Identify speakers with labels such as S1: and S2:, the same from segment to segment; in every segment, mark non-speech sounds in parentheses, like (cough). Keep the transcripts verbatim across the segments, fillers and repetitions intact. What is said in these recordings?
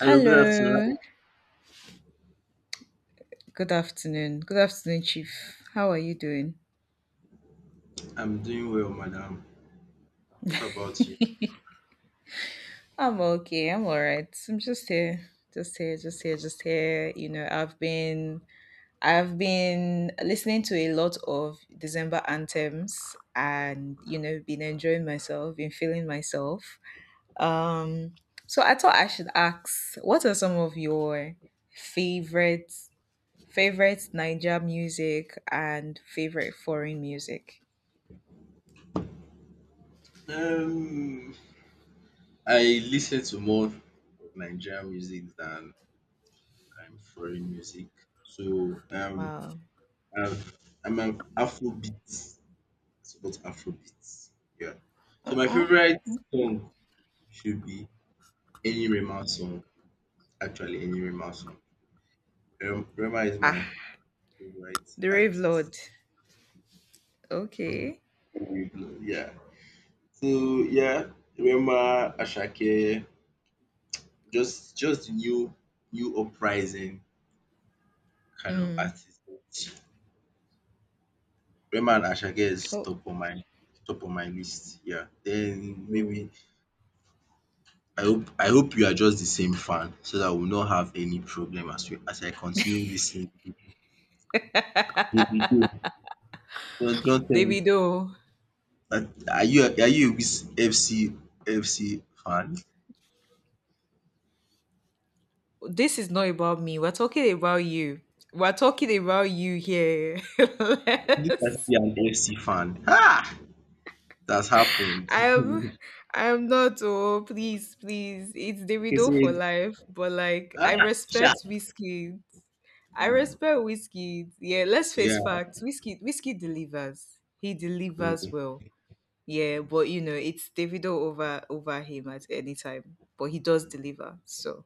S1: Hello, good
S2: Hello.
S1: afternoon.
S2: Good afternoon. Good afternoon, Chief. How are you doing?
S1: I'm doing well, madam. What about you?
S2: I'm okay. I'm all right. I'm just here. Just here, just here, just here. You know, I've been I've been listening to a lot of December anthems and you know, been enjoying myself, been feeling myself. Um so I thought I should ask, what are some of your favorite favorite Niger music and favorite foreign music?
S1: Um, I listen to more Nigerian music than um, foreign music. So um,
S2: Wow.
S1: I'm, I'm an Afrobeat. I support Afrobeat. Yeah. So my
S2: Uh-uh.
S1: favorite song should be any Rema song. Actually, any Rema song. Um, Rema is
S2: Ah,
S1: my favorite
S2: the Rave
S1: artist.
S2: Lord. Okay.
S1: (laughs) Yeah. So yeah, Rema, Ashake, Just just the new new uprising kind of
S2: Mm.
S1: artist. Rema and Ashake is
S2: Oh,
S1: top on my top on my list. Yeah. Then maybe I hope I hope you are just the same fan so that we'll not have any problem as we as I continue listening. Davido. Don't don't tell me
S2: Davido,
S1: that are you are you a Wiz F C F C fan?
S2: this is not about me. We're talking about you. We're talking about you here. (laughs)
S1: You
S2: let
S1: can be an F C fan. Ah that's happened.
S2: I am,
S1: (laughs)
S2: I am not. Oh, please, please. It's
S1: He
S2: Davido for
S1: said
S2: life. But like, I
S1: ah sha.
S2: respect whiskey. I respect whiskey. Yeah, let's face
S1: Yeah.
S2: facts. Whiskey, whiskey delivers. He delivers well. Yeah, but you know, it's Davido over over him at any time. But he does deliver. So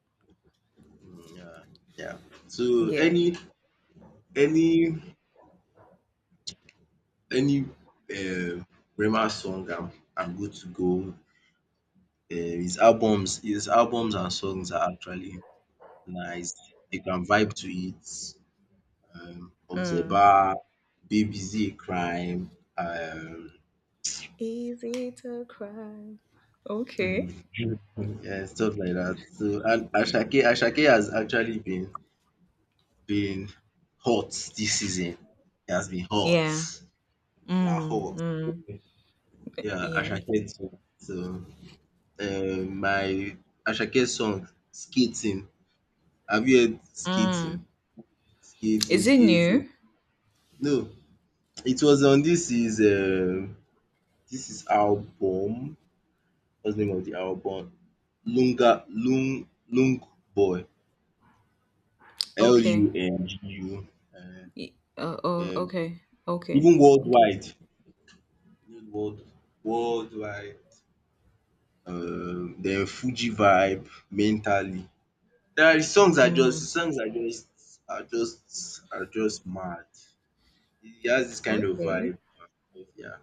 S1: Mm, Yeah, yeah. So
S2: yeah.
S1: any any any uh, Rema song I'm I'm good to go. Um his albums his albums and songs are actually nice. You can vibe to it. Um
S2: Mm.
S1: Obzeba, Baby Z Crime, um
S2: Easy to cry. Okay.
S1: mm, yeah, stuff like that. So and Ashake Ashake has actually been been hot this season. He has been hot.
S2: Yeah.
S1: La
S2: Mm,
S1: hot.
S2: mm,
S1: Yeah,
S2: yeah.
S1: Asake song. So, um, my Asake song, Skating. Have you heard
S2: Mm.
S1: Skating? Skating,
S2: Is it
S1: Skating.
S2: new?
S1: No, it was on this is um this is album. What's the name of the album? Lunga Lung Lung Boy. L
S2: Okay.
S1: U N G U.
S2: Y- Uh, oh,
S1: Um,
S2: okay. Okay.
S1: even
S2: Okay.
S1: worldwide. You know, World worldwide. Um, then Fuji Vibe, Mentally. There are songs are just
S2: Mm.
S1: his songs are just are just are just mad. He has this kind of
S2: Okay.
S1: vibe. Yeah.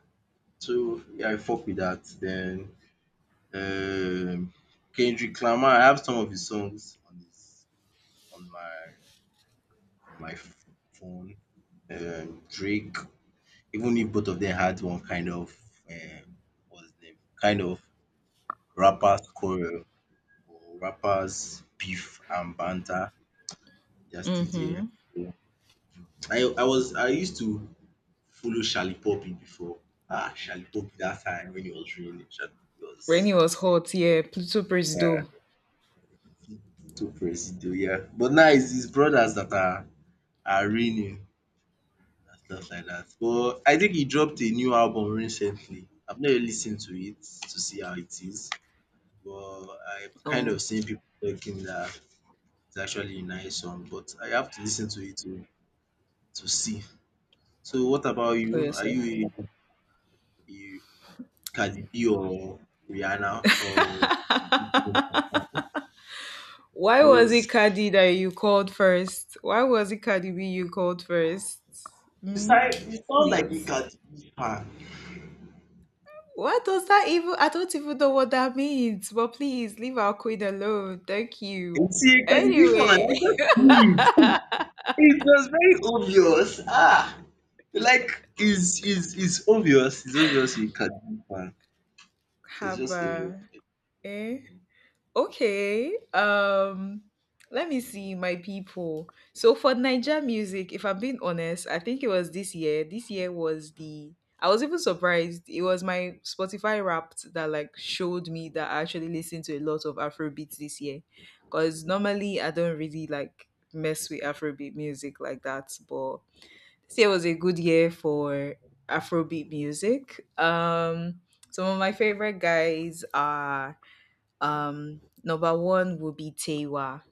S1: So yeah, I fuck with that. Then um Kendrick Lamar, I have some of his songs on his on my on my f- phone. Um Drake, even if both of them had one kind of um what's the name? Kind of rappers quarrel or rappers beef and banter. They're still there.
S2: Mm-hmm.
S1: I I was I used to follow Charlie Poppy before. Ah, Charlie Poppy, that time when he was really Charlie Poppy
S2: Rainy
S1: was
S2: was hot. Yeah. Pluto praise
S1: uh,
S2: though.
S1: too presido, yeah. But now it's his brothers that are are reigning and stuff like that. But I think he dropped a new album recently. I've not yet listened to it to see how it is, but I kind of
S2: Oh,
S1: seen people talking that it's actually a nice song. But I have to listen to it to to see. So what about
S2: for
S1: you? Are
S2: yourself.
S1: you a, a Cardi B or Rihanna or Nicki Minaj fan.
S2: Why was
S1: There's
S2: it Cardi that you called first? Why was it Cardi B you called first?
S1: you
S2: Hmm?
S1: sound you sound like a
S2: Please.
S1: Cardi B fan.
S2: What does that even? I don't even know what that means. But please leave our queen alone. Thank
S1: And
S2: you.
S1: see, a Cardi B fan, I
S2: Anyway,
S1: just knew it. (laughs) It was very obvious. Ah, like is is is obvious. It's obvious. A Cardi B fan.
S2: (laughs)
S1: So it's
S2: have
S1: just obvious.
S2: a eh. Okay. Um let me see my people. So for Niger music, if I'm being honest, I think it was this year. This year was the I was even surprised. It was my Spotify Wrapped that like showed me that I actually listened to a lot of Afrobeats this year. Cause normally I don't really like mess with Afrobeat music like that. But this year was a good year for Afrobeat music. Um some of my favorite guys are um, number one would be Tewa.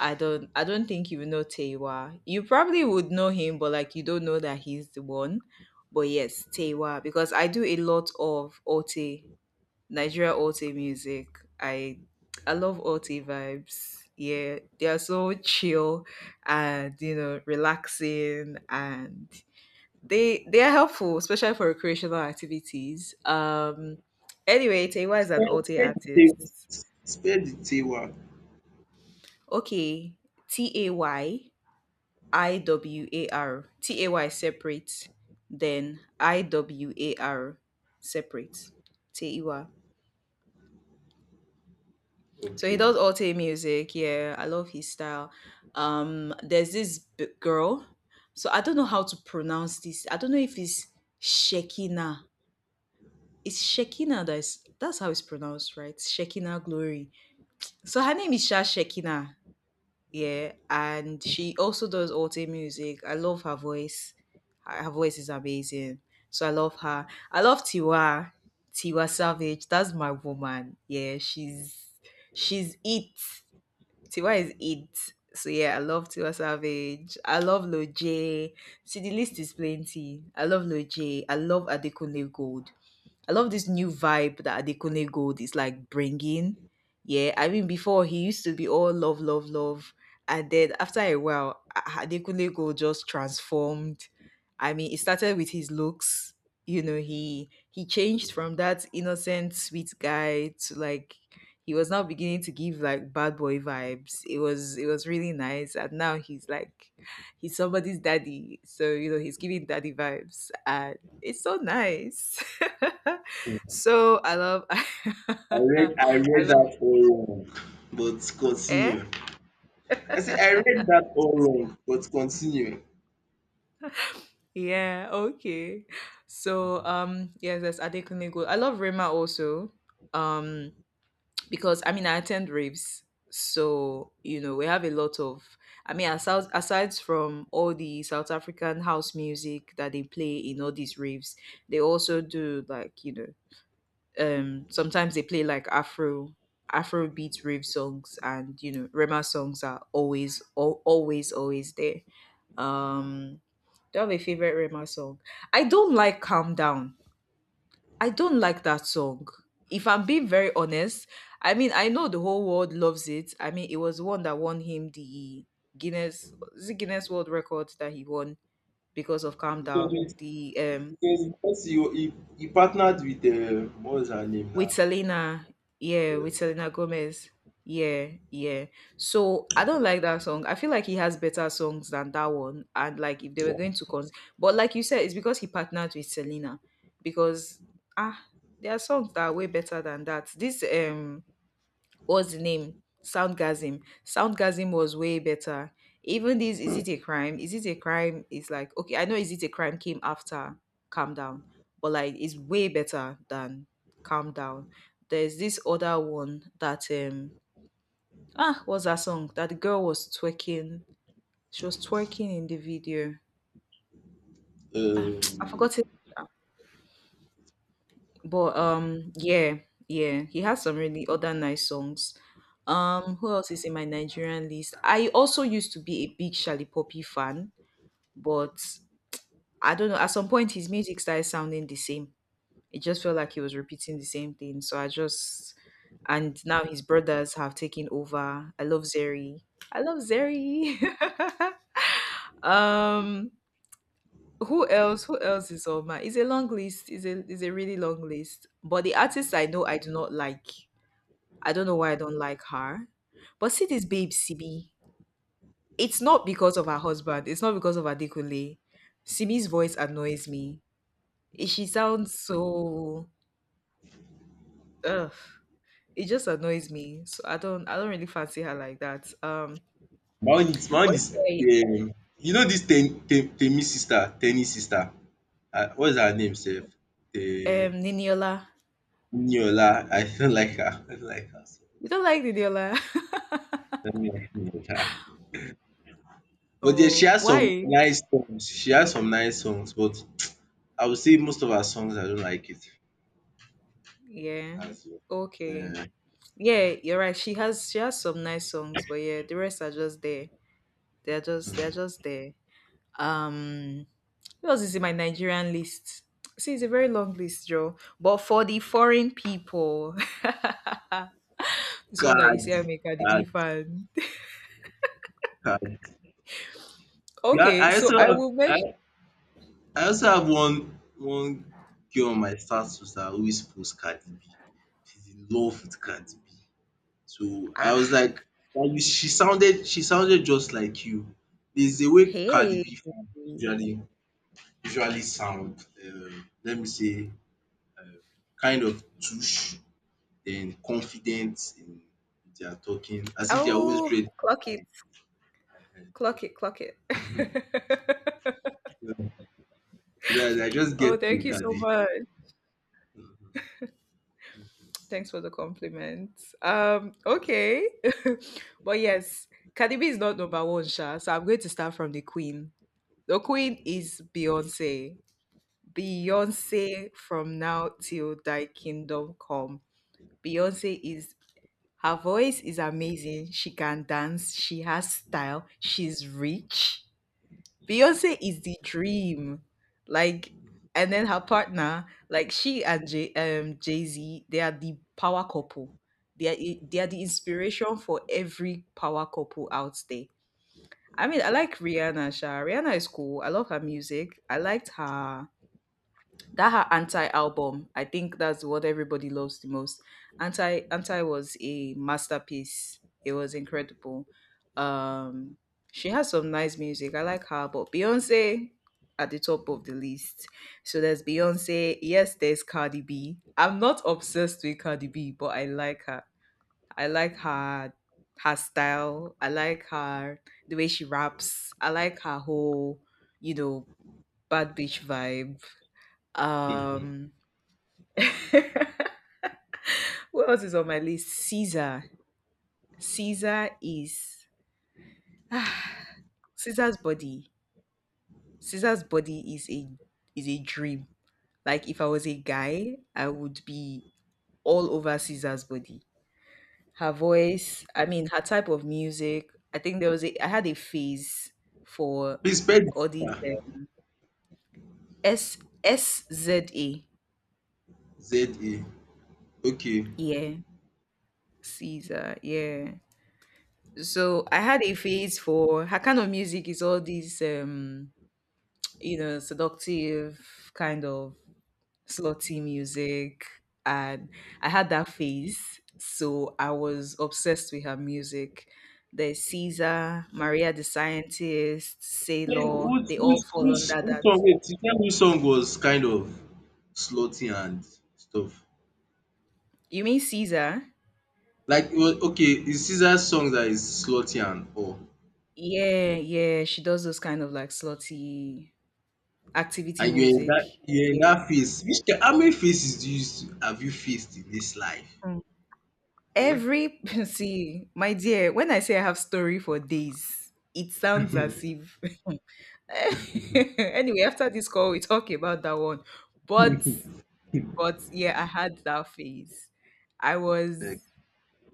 S2: I don't I don't think you know Tewa. You probably would know him, but like you don't know that he's the one. But yes, Tewa, because I do a lot of O T, Nigeria O T music. I I love O T vibes. Yeah, they are so chill and you know relaxing, and they they are helpful, especially for recreational activities. Um anyway, Tewa is an
S1: Spare,
S2: O T
S1: spare the tables.
S2: artist.
S1: Spare the table.
S2: Okay, T A Y I W A R. T A Y separate, then I W A R separate. Teiwa. So he
S1: Okay.
S2: does alt music. Yeah, I love his style. Um, there's this b- girl. So I don't know how to pronounce this. I don't know if it's Shekina. It's Shekina, that's that's how it's pronounced, right? Shekina Glory. So her name is Sha Shekina. Yeah, and she also does alter music. I love her voice. Her her voice is amazing. So I love her. I love Tiwa. Tiwa Savage. That's my woman. Yeah, she's she's it. Tiwa is it. So yeah, I love Tiwa Savage. I love Loj. See, the list is plenty. I love Loj. I love Adekunle Gold. I love this new vibe that Adekunle Gold is like bringing. Yeah, I mean, before he used to be all love, love, love, and then after a while, A- Adekunle Gold just transformed. I mean, it started with his looks. You know, he he changed from that innocent, sweet guy to, like, he was now beginning to give like bad boy vibes. It was it was really nice, and now he's like he's somebody's daddy, so you know he's giving daddy vibes, and it's so nice. (laughs)
S1: Yeah.
S2: So I love. (laughs)
S1: I read
S2: I
S1: I read
S2: love.
S1: that all wrong, but
S2: Eh?
S1: continue. I say I read
S2: (laughs)
S1: that all wrong, but continue.
S2: Yeah, okay. So um yes, that's Adekunle Gold. I love Rema also. Um because I mean I attend raves. So, you know, we have a lot of, I mean, aside aside from all the South African house music that they play in all these raves, they also do, like, you know, um sometimes they play like afro afro beat rave songs, and you know Rema songs are always al- always always there. um do you have a favorite Rema song? I don't like Calm Down. I don't like that song, if I'm being very honest. I mean, I know the whole world loves it. I mean, it was the one that won him the Guinness, is it Guinness World Record that he won because of Calm
S1: Because
S2: Down,
S1: it,
S2: the um
S1: because because you he, he partnered with uh, what was her name
S2: with
S1: now?
S2: Selena. Yeah, with
S1: Yes.
S2: Selena Gomez. Yeah, yeah. So I don't like that song. I feel like he has better songs than that one. And, like, if they were going to cons but like you said, it's because he partnered with Selena. Because ah, there are songs that are way better than that. This um what's the name? Soundgasm. Soundgasm was way better. Even this, is it a crime? Is it a crime? It's like, okay, I know is it a crime came after Calm Down, but like it's way better than Calm Down. There's this other one that, um ah what's that song that the girl was twerking. She was twerking in the video. Ah, (tsk) I
S1: Um,
S2: forgot it. But um yeah, yeah, he has some really other nice songs. Um who else is in my Nigerian list? I also used to be a big Charlie Poppy fan, but I don't know, at some point his music started sounding the same. It just felt like he was repeating the same thing. So I just And now his brothers have taken over. I love Zeri. I love Zeri. (laughs) um who else who else is on my it's a long list. It's a it's a really long list, but the artists I know, I do not like. I don't know why I don't like her. But see this babe Simi. It's not because of her husband. It's not because of Adekunle. Simi's voice annoys me. Eh, she sounds so ugh. It just annoys me. So I don't I don't really fancy her like that. Um
S1: my own is my own
S2: but
S1: is
S2: yeah,
S1: um, you know this ten, ten, Temi sister, Tenny sister. Uh, what is her name, sef?
S2: um
S1: Uh,
S2: Niniola.
S1: Niola. I don't like her. I don't like her. So—
S2: You don't like Niniola? (laughs)
S1: Yeah. But yeah, she
S2: Oh,
S1: has some
S2: why?
S1: nice songs. She has some nice songs, but I would say most of her songs I don't like it.
S2: Yeah.
S1: That's it.
S2: Okay.
S1: Yeah.
S2: Yeah, you're right. She has she has some nice songs, but yeah, the rest are just there. They're just, they're just there. Um Who else is in my Nigerian list? See, it's a very long list, Joe. But for the foreign people, (laughs) so that you see,
S1: Cardi,
S2: I'm a Cardi B
S1: Cardi,
S2: fan.
S1: Cardi. Yeah,
S2: Okay,
S1: I
S2: so
S1: also
S2: I will mention.
S1: have. I also have one one girl on my status that always post Cardi B. She's in love with Cardi B. So I was
S2: Ah,
S1: like like you, she sounded she sounded just like you. There's a way Cardi
S2: hey.
S1: B fans usually usually sound, um, let me say kind of douche then confident in their talking as if they're always
S2: Oh,
S1: ready.
S2: clock it, clock it, clock it. (laughs)
S1: So I I just get
S2: oh,
S1: to
S2: thank you so
S1: Cardi.
S2: much. Thanks for the compliment. Um, okay, (laughs) but yes, Cardi B is not number one, Sha. So I'm going to start from the Queen. The Queen is Beyonce. Beyonce from now till thy kingdom come. Beyonce is Her voice is amazing. She can dance. She has style. She's rich. Beyonce is the dream. Like, and then her partner, like she and Jay um Jay Z, they are the power couple. They are i- they are the inspiration for every power couple out there. I mean, I like Rihanna. Sha Rihanna is cool. I love her music. I liked her, that her Anti album, I think that's what everybody loves the most. Anti anti was a masterpiece, it was incredible. um she has some nice music. I like her, but Beyonce at the top of the list. So there's Beyonce. Yes, there's Cardi B. I'm not obsessed with Cardi B, but I like her. I like her her style. I like her, the way she raps. I like her whole, you know bad bitch vibe. um (laughs) What else is on my list? Caesar. Caesar is, ah, Caesar's body. Caesar's body is a is a dream. Like if I was a guy, I would be all over Caesar's body. Her voice, I mean, her type of music. I think there was a I had a phase for
S1: (laughs) Please spell
S2: all these, um, S S Z A.
S1: Z A. Okay.
S2: Yeah, Caesar. Yeah. So I had a phase for her kind of music, is all these, um you know, seductive, kind of slutty music. And I had that phase. So I was obsessed with her music. There's Caesar, Maria the Scientist,
S1: Hey, who
S2: Sailor,
S1: who
S2: they all
S1: which,
S2: fall
S1: which
S2: under
S1: song?
S2: that.
S1: Wait, you tell me which song was kind of slutty and stuff.
S2: You mean Caesar?
S1: Like, it was, okay, it's Caesar's song that is slutty and all.
S2: Yeah, yeah. She does those kind of like slutty activity
S1: And you're in
S2: music.
S1: that, you're in
S2: Yeah.
S1: that phase. Which, ki- how many faces do you, s- have you faced in this life?
S2: Mm.
S1: Eh?
S2: Every (laughs) see, my dear, when I say I have story for days, it sounds as if (laughs) anyway, after this call, we talk about that one. But but yeah, I had that phase. I was
S1: Like,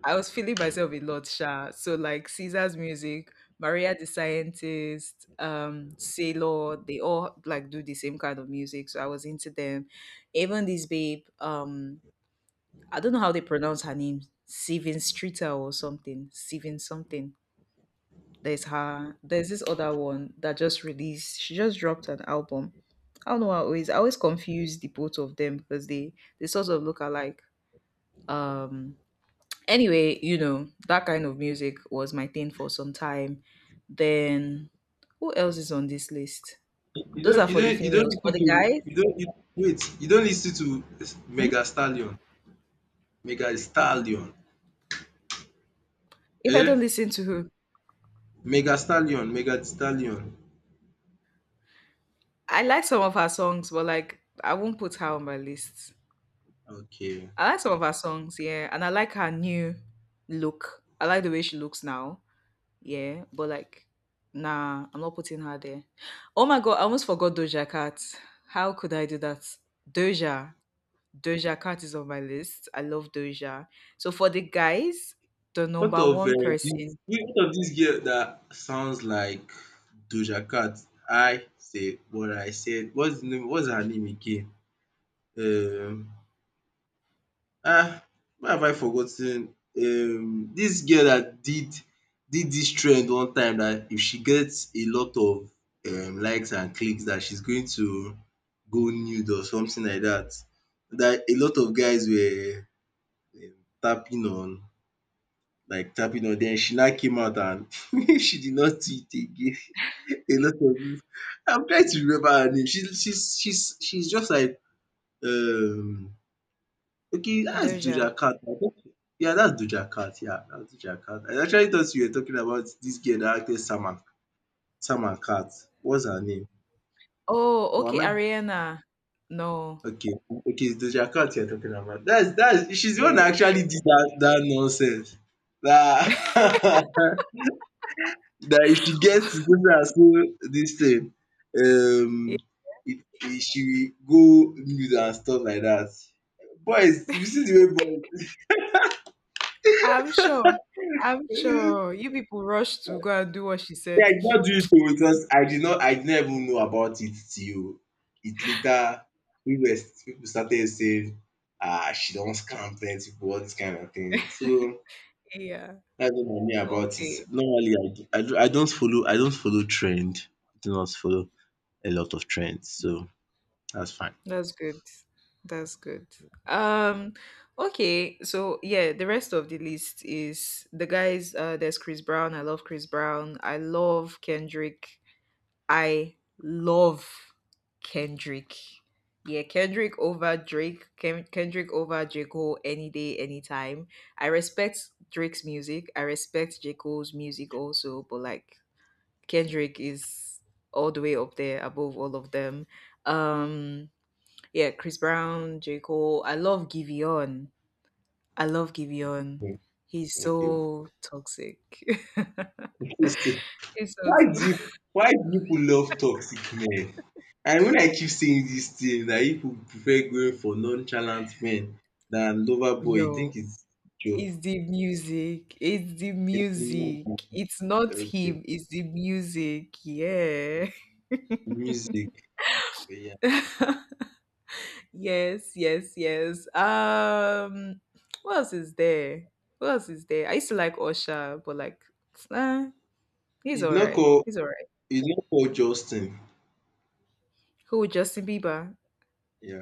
S2: I was feeling myself a lot, Sha. So like Caesar's music, Maria the Scientist, um, Sailor, they all like do the same kind of music. So I was into them. Even this babe, um, I don't know how they pronounce her name, Steven Streeter or something, Steven something there's her. There's this other one that just released. She just dropped an album. I don't know. I always I always confuse the both of them because they they sort of look alike. Um. Anyway, you know that kind of music was my thing for some time. Then who else is on this list?
S1: you
S2: Those
S1: don't,
S2: are
S1: you
S2: for the
S1: don't, you don't
S2: females. For
S1: listen
S2: the
S1: to,
S2: guys,
S1: you don't, you, wait, you don't listen to
S2: hmm?
S1: Mega Stallion, Mega Stallion,
S2: If I don't
S1: eh?
S2: listen to her,
S1: Mega Stallion, Mega Stallion.
S2: I like some of her songs, but like I won't put her on my list.
S1: Okay.
S2: I like some of her songs, yeah, and I like her new look. I like the way she looks now. Yeah, but like, nah, I'm not putting her there. Oh my god, I almost forgot Doja Cat. How could I do that? Doja. Doja Cat is on my list. I love Doja. So for the guys, the
S1: What
S2: number
S1: of uh,
S2: one
S1: this?
S2: person.
S1: What of this girl that sounds like Doja Cat? I say what I said. What's the name? What's her name again? Um, ah, why have I forgotten? Um, this girl that did did this trend one time that if she gets a lot of um, likes and clicks, that she's going to go nude or something like that. That a lot of guys were um, tapping on like tapping on, then she now came out and (laughs) she did not do it again. (laughs) A lot of people, I'm trying to
S2: Mm,
S1: remember her name. She's she's she's she's just like um, okay, that's
S2: Doja.
S1: Doja Cat. I think yeah, that's Doja Cat, yeah, that's Doja Cat. I actually thought you were talking about this girl that acted Sam and Cat. What's her name?
S2: Oh,
S1: Or
S2: okay,
S1: am I,
S2: Ariana. No.
S1: okay, okay, it's Doja Cat you're talking about. That's that's she's the
S2: Yeah,
S1: one that
S2: it's
S1: actually did
S2: Doja.
S1: that that nonsense. That (laughs) that if she gets to do am so dis thing
S2: Yeah.
S1: um it it she will go nude and stuff like that. Boys, you see the way boys
S2: I'm sure. I'm
S1: (laughs) eh,
S2: sure. You people rushed to go and do what she
S1: yeah, I
S2: said.
S1: did not do it oo because I did not I did not even know about it till it later we were pipu started saying, "Ah, she don scam plenty pipu all this kind of thing." So
S2: (laughs) yeah.
S1: dats what I mean about it.
S2: Okay.
S1: Normally I do- I do- I don't follow I don't follow trend. I do not follow a lot of trends so that's fine.
S2: That's good. That's good. Um okay, so yeah, the rest of the list is the guys uh there's Chris Brown. I love Chris Brown. I love Kendrick. I love Kendrick. Yeah, Kendrick over Drake. Ken- Kendrick over J. Cole any day, anytime. I respect Drake's music. I respect J. Cole's music also, but like Kendrick is all the way up there above all of them. Um yeah, Chris Brown, J. Cole. I love Giveon. I love Giveon. He's
S1: Thank you.
S2: so toxic. (laughs)
S1: Dis,
S2: He's so
S1: why do
S2: to-
S1: you why do people love toxic men? And when I keep saying this thing that people prefer going for nonchalant men than lover boy,
S2: No,
S1: you think it's joke?
S2: it's the music. It's the
S1: It's the
S2: music.
S1: music.
S2: It's not
S1: Okay,
S2: him. It's the music. Yeah.
S1: music, yeah.
S2: (laughs) yes, yes, yes. Um, what else is there? What else is there? I used to like Osha, but like, uh, he's
S1: It's
S2: all
S1: not
S2: right.
S1: call,
S2: He's all right.
S1: it's not call Justin,
S2: Who? Justin Bieber.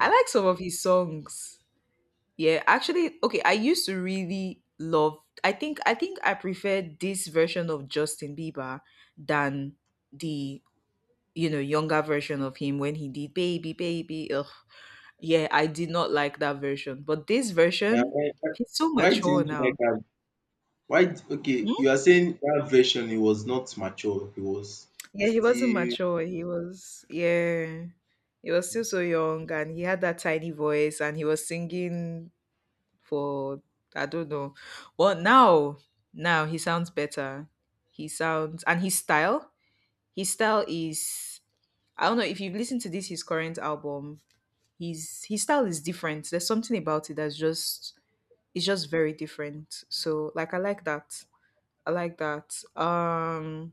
S2: I like some of his songs. Yeah, actually, okay, I used to really love I think I think I prefer this version of Justin Bieber than the you know younger version of him when he did baby baby ugh. Yeah, I did not like that version, but this
S1: Na
S2: version
S1: why
S2: he's so
S1: why
S2: mature
S1: didn't you
S2: now.
S1: like am? Why d- okay,
S2: Hmm?
S1: you are saying that version he was not mature, he was
S2: Yeah, he wasn't
S1: still
S2: mature, he was, yeah, he was still so young and he had that tiny voice and he was singing for I don't know. Well, now now he sounds better. He sounds and his style. His style is I don't know if you've listened to this his current album. His his style is different. There's something about it that's just it's just very different. So like I like that. I like that. Um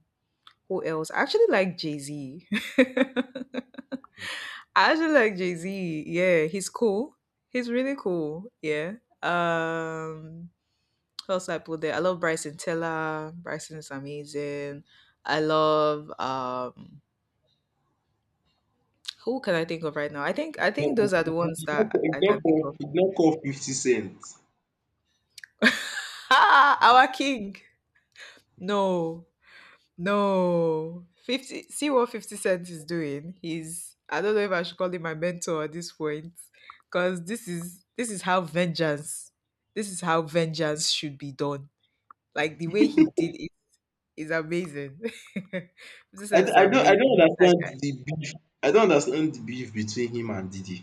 S2: Who else? I actually like Jay-Z. (laughs) I actually like Jay-Z. Yeah, he's cool. He's really cool. Yeah. Um Plus, I put there. I love Bryson Tiller. Bryson is amazing. I love um who can I think of right now? I think I think those
S1: no,
S2: are the ones
S1: It's not
S2: that
S1: call
S2: I
S1: It's
S2: can
S1: not
S2: think of.
S1: call It's not call Fifty Cent.
S2: Ah, our king. No, no. Fifty. See what Fifty Cent is doing. He's. I don't know if I should call him my mentor at this point, because this is this is how vengeance. This is how vengeance should be done. Like the way he did it is amazing. (laughs) Fifty
S1: I,
S2: Cent
S1: d-
S2: is
S1: I don't, I
S2: amazing.
S1: don't
S2: He's that
S1: understand the beef. I don't understand the beef between him and Didi.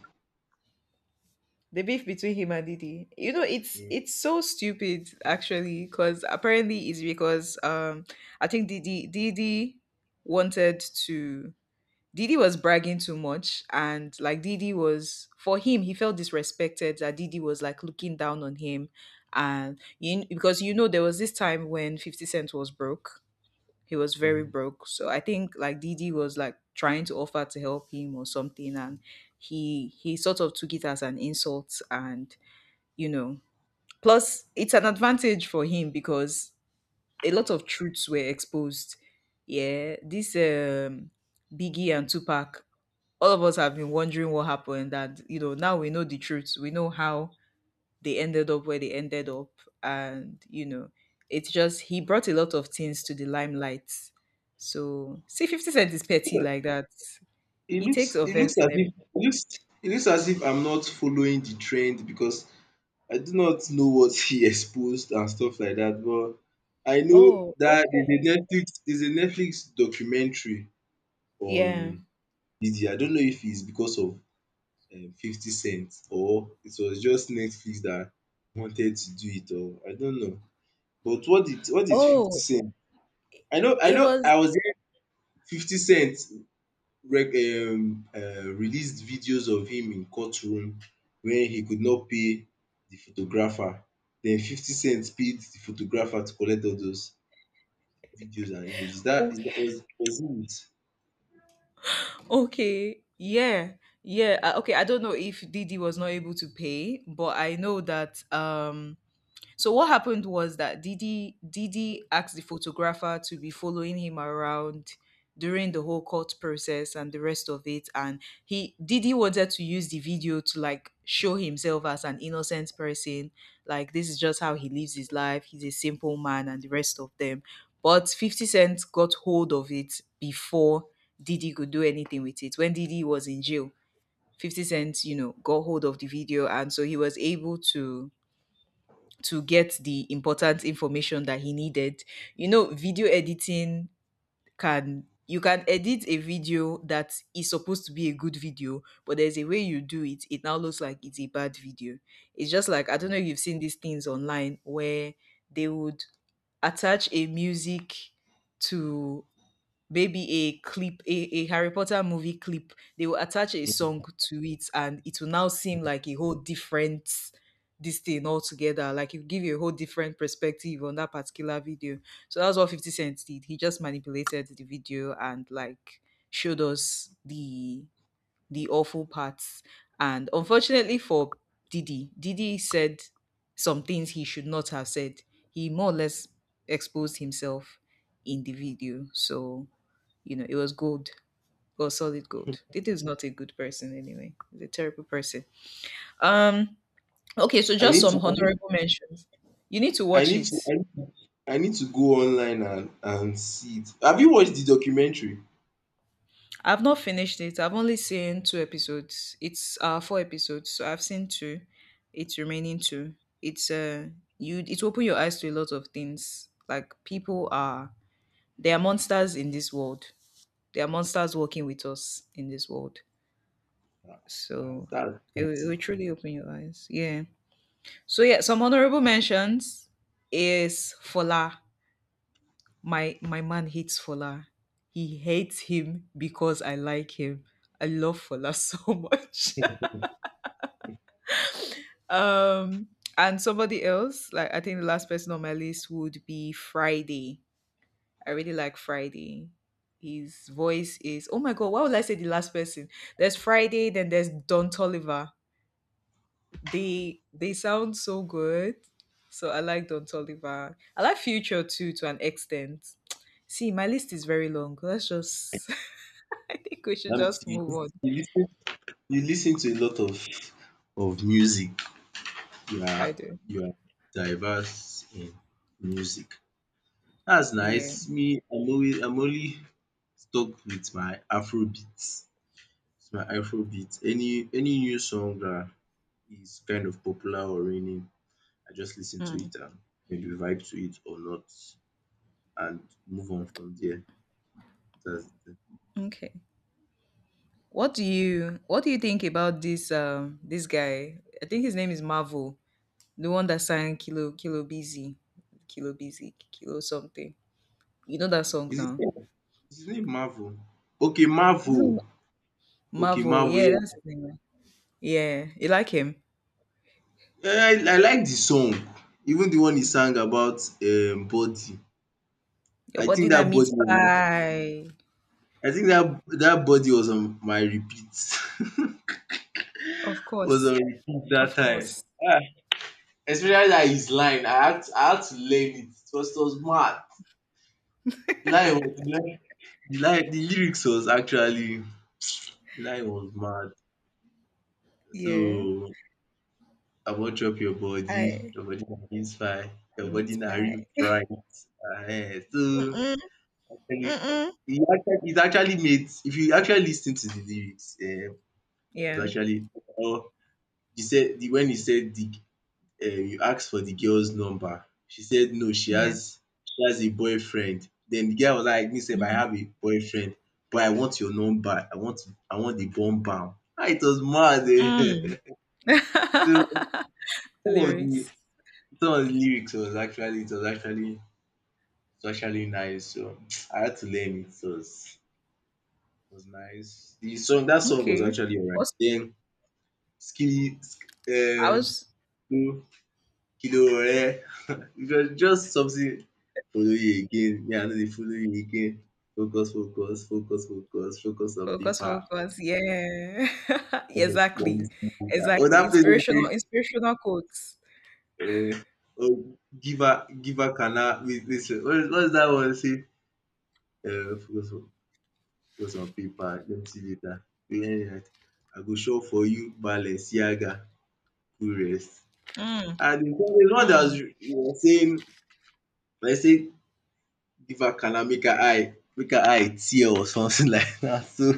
S2: the beef between him and Didi. You know, it's
S1: Mm,
S2: it's so stupid actually, because apparently it's because um I think Didi Didi wanted to Didi was bragging too much and like Didi was for him, he felt disrespected that Didi was like looking down on him. And you because you know there was this time when fifty Cent was broke. He was very
S1: mm.
S2: broke. So I think like Didi was like trying to offer to help him or something and he he sort of took it as an insult and you know. Plus, it's an advantage for him because a lot of truths were exposed. Yeah, this um, Biggie and Tupac, all of us have been wondering what happened, and you know, now we know the truth. We know how they ended up where they ended up, and you know, it's just he brought a lot of things to the limelight. So, see, Fifty Cent is petty like that.
S1: It
S2: He takes
S1: looks it looks
S2: offense
S1: as
S2: in
S1: if
S2: everything.
S1: it looks it looks as if I'm not following the trend because I do not know what he (laughs) exposed and stuff like that. But I know
S2: Oh,
S1: that there's
S2: okay.
S1: a Netflix, there's a Netflix documentary
S2: Yeah.
S1: on Didi. I don't know if it's because of um, Fifty Cent or it was just Netflix that wanted to do it or I don't know. But what did what did Fifty
S2: Oh,
S1: Cent— I know, I
S2: it
S1: know.
S2: was.
S1: I was there. Fifty Cent rec- um, uh, released videos of him in courtroom when he could not pay the photographer. Then Fifty Cent paid the photographer to collect all those videos and images. That
S2: Oh,
S1: is that was was it.
S2: okay. Yeah. Yeah. Uh, okay. I don't know if Didi was not able to pay, but I know that um so what happened was that Didi Didi asked the photographer to be following him around during the whole court process and the rest of it, and he Didi wanted to use the video to like show himself as an innocent person, like this is just how he lives his life, he's a simple man and the rest of them. But fifty cent got hold of it before Didi could do anything with it. When Didi was in jail, fifty cent, you know, got hold of the video, and so he was able to to get the important information that he needed. You know, video editing, can you can edit a video that is supposed to be a good video, but there's a way you do it, it now looks like it's a bad video. It's just like I don't know if you've seen these things online where they would attach a music to maybe a clip, a, a Harry Potter movie clip, they will attach a song to it and it will now seem like a whole different this thing altogether. Like it will give you a whole different perspective on that particular video. So that's what fifty Cent did. He just manipulated the video and like showed us the the awful parts. And unfortunately for Diddy, Diddy said some things he should not have said. He more or less exposed himself in the video. So you know, it was gold, or solid gold. It is not a good person anyway. He's a terrible person. Um, okay, so
S1: I
S2: just
S1: need to,
S2: some
S1: I need,
S2: honorable mentions. You need to
S1: I
S2: watch
S1: need to,
S2: it.
S1: I need, I need to go online and and see it. Have you watched the documentary?
S2: I've not finished it. I've only seen two episodes. It's uh four episodes, so I've seen two. It's remaining two. It's uh you it will open your eyes to a lot of things. Like people are, they are monsters in this world. They are monsters working with us in this world.
S1: That's
S2: So
S1: that's
S2: it will, it
S1: crazy.
S2: will truly open your eyes. Yeah. So yeah, some honorable mentions is Fola. My my man hates Fola. He hates him because I like him. I love Fola (laughs) so much. (laughs) um and somebody else, like I think the last person on my list would be Friday. I really like Friday. His voice is oh my god, why would I say the last person? There's Friday, then there's Don Tolliver. they they sound so good. So I like Don Toliver. I like Future too to an extent. See, my list is very long. Let's just (laughs) I think we should
S1: That means
S2: just
S1: you,
S2: move
S1: lis-
S2: on.
S1: you listen, you listen to a lot of of music. You are,
S2: I do.
S1: you are diverse in music. That's nice.
S2: Yeah.
S1: Me, I'm always, I'm only stuck with my Afrobeats. It's my Afro beats. Any any new song that is kind of popular or raining, I just listen to
S2: Mm.
S1: it and maybe vibe to it or not and move on from there. That's the—
S2: Okay. What do you what do you think about this um this guy? I think his name is Marvel, the one that sang Kilo Kilo Busy. Kilo Busy, Kilo something. You know that song
S1: Is his
S2: now.
S1: name, is his name Marvel? Okay,
S2: Isn't
S1: Marvel.
S2: it
S1: Okay,
S2: Marvel?
S1: Marvel,
S2: Yeah,
S1: yeah.
S2: that's his name. Right? Yeah. You like him?
S1: Eh, I, I like the song. Even the one he sang about um body.
S2: Your
S1: I
S2: body
S1: think
S2: na
S1: that
S2: meat
S1: body was on
S2: pie.
S1: I think that that body was on my repeat. (laughs)
S2: Of
S1: Was
S2: course.
S1: on repeat that
S2: Of
S1: time.
S2: course.
S1: Ah, especially that his line. I had to, I had to learn it. It was, it was mad. The line was the line, the line The lyrics was actually, the line was mad.
S2: Yeah.
S1: So I won't chop your body,
S2: I
S1: your body na beans fry, your body
S2: meat
S1: na
S2: pie.
S1: real fright. Ehen, so
S2: Mm,
S1: actually
S2: mm-mm.
S1: it actually it actually made if you actually listen to the lyrics um it was
S2: Yeah.
S1: actually oh, he said, "The when he said the um you asked for the girl's number, she said no she
S2: Yeah.
S1: has, she has a boyfriend. Then the guy was like me sef I
S2: Mhm.
S1: have a boyfriend but I want your number, I want I want the bomb bomb." Ah it was mad
S2: Mm.
S1: um. (laughs)
S2: (laughs)
S1: So some of the
S2: Lyrics.
S1: some of the lyrics was actually it was actually it was actually nice so (tsk) I had to learn it. So it was, it was nice. The song, that song was
S2: Okay.
S1: actually alright.
S2: Most
S1: Then Den
S2: I
S1: um
S2: was
S1: Kilo kilo Ore, it was just something, follow you again, me I know dey follow you again. Focus, focus, focus, focus, focus on
S2: focus,
S1: paper.
S2: focus. Yeah. (laughs)
S1: Okay, let me
S2: exactly.
S1: see paper. Oh
S2: Exactly.
S1: that place wey
S2: Inspirational,
S1: dey
S2: inspirational quotes.
S1: give um giver giver cana wait wait sef what is what is dat one say um focus on focus on paper, let me see later. Wait, wait, wait. I go shop for you Balenciaga, cool rest.
S2: Mm,
S1: And de one dat was
S2: mm.
S1: he was saying, dem say give her cana make her eye make her eye tear or something (laughs) like that. So,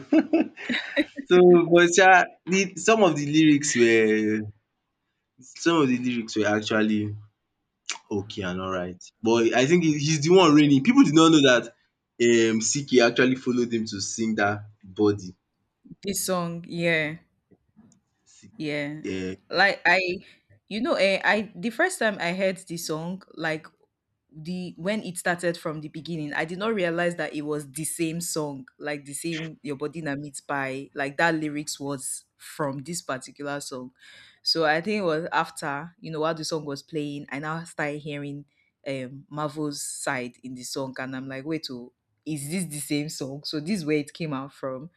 S1: So, but yeah, the some of the lyrics were some of the lyrics were actually okay and alright. But I think he he's the one raining. People did not know that um Siki actually followed him to sing that Body.
S2: This song, yeah,
S1: C
S2: yeah.
S1: um
S2: Like I, you know, eh, I the first time I heard this song, like the when it started from the beginning, I did not realize that it was the same song, like the same Your Body Na Meat Pie, like that lyrics was from this particular song. So I think it was after, you know, while the song was playing, I now started hearing um Marvel's side in the song and I'm like, wait, oh, is this the same song? So this is where it came out from.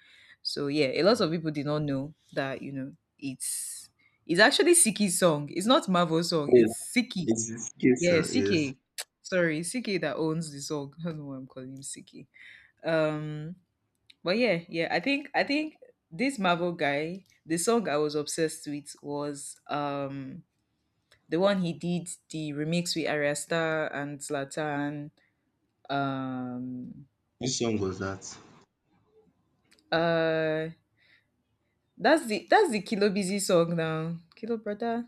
S2: So yeah, a lot of people did not know that, you know, it's it's actually Siki's song. It's not Marvel's song,
S1: yes,
S2: it's Siki.
S1: it's a
S2: Yeah,
S1: song, yes.
S2: C K. Sorry, C K that owns the song. (laughs) I don't know why I'm calling him C K. Um, but yeah, yeah, I think I think this Marvel guy, the song I was obsessed with was um the one he did the remix with Arya Starr and Zlatan. Um
S1: Which song was that?
S2: uh that's the that's the Kilo Busy song now. Kilo brother.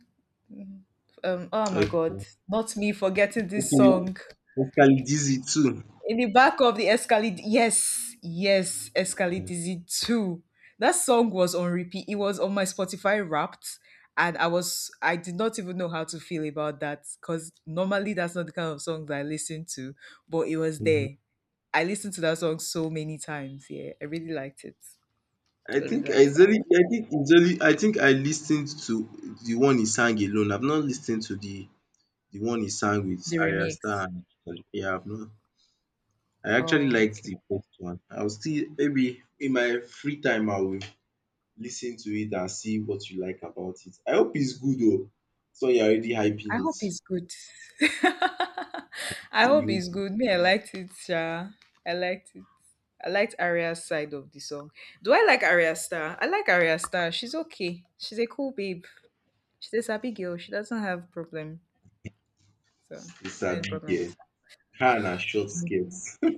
S2: Mhm. Um oh my god,
S1: Okay.
S2: not me forgetting this
S1: Okay,
S2: song.
S1: Pascally Dizzy too.
S2: In the back of the Escalade. Yes, yes, Escalade Dizzy two. That song was on repeat. It was on my Spotify wrapped. And I was, I did not even know how to feel about that because normally that's not the kind of song that I listen to, but it was
S1: Mhm.
S2: there. I listened to that song so many times. Yeah, I really liked it.
S1: I
S2: I really
S1: think I only
S2: liked that one.
S1: I think it's only I think I listened to the one he sang alone. I've not listened to the— The one he sang with
S2: The
S1: Arya
S2: remix.
S1: Starr and yeah, I've not— I actually
S2: Oh.
S1: liked
S2: Okay.
S1: the first one. I'll still maybe in my free time I will listen to it and see what you like about it. I hope it's good oo. So you're already
S2: I
S1: hyping it.
S2: hope it's good. (laughs) I hope
S1: You
S2: it's good. Me, I liked it, Sha. I liked it. I liked Aria's side of the song. Do I like Aria Star? I like Aria Star. She's okay. She's a cool babe. She's a sappy girl. She doesn't have problem. So I have any
S1: sabi
S2: problem
S1: girl.
S2: with
S1: Her and her short skirt. (laughs)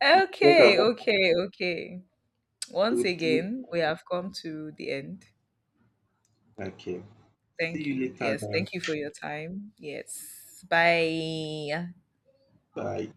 S2: her.
S1: Talk
S2: Okay,
S1: about—
S2: okay, okay. Once
S1: would- would-
S2: again, we have come to the end.
S1: okay. See
S2: Thank
S1: you
S2: you.
S1: later
S2: Yes,
S1: now.
S2: thank you for your time. Yes. Bye.
S1: Bye.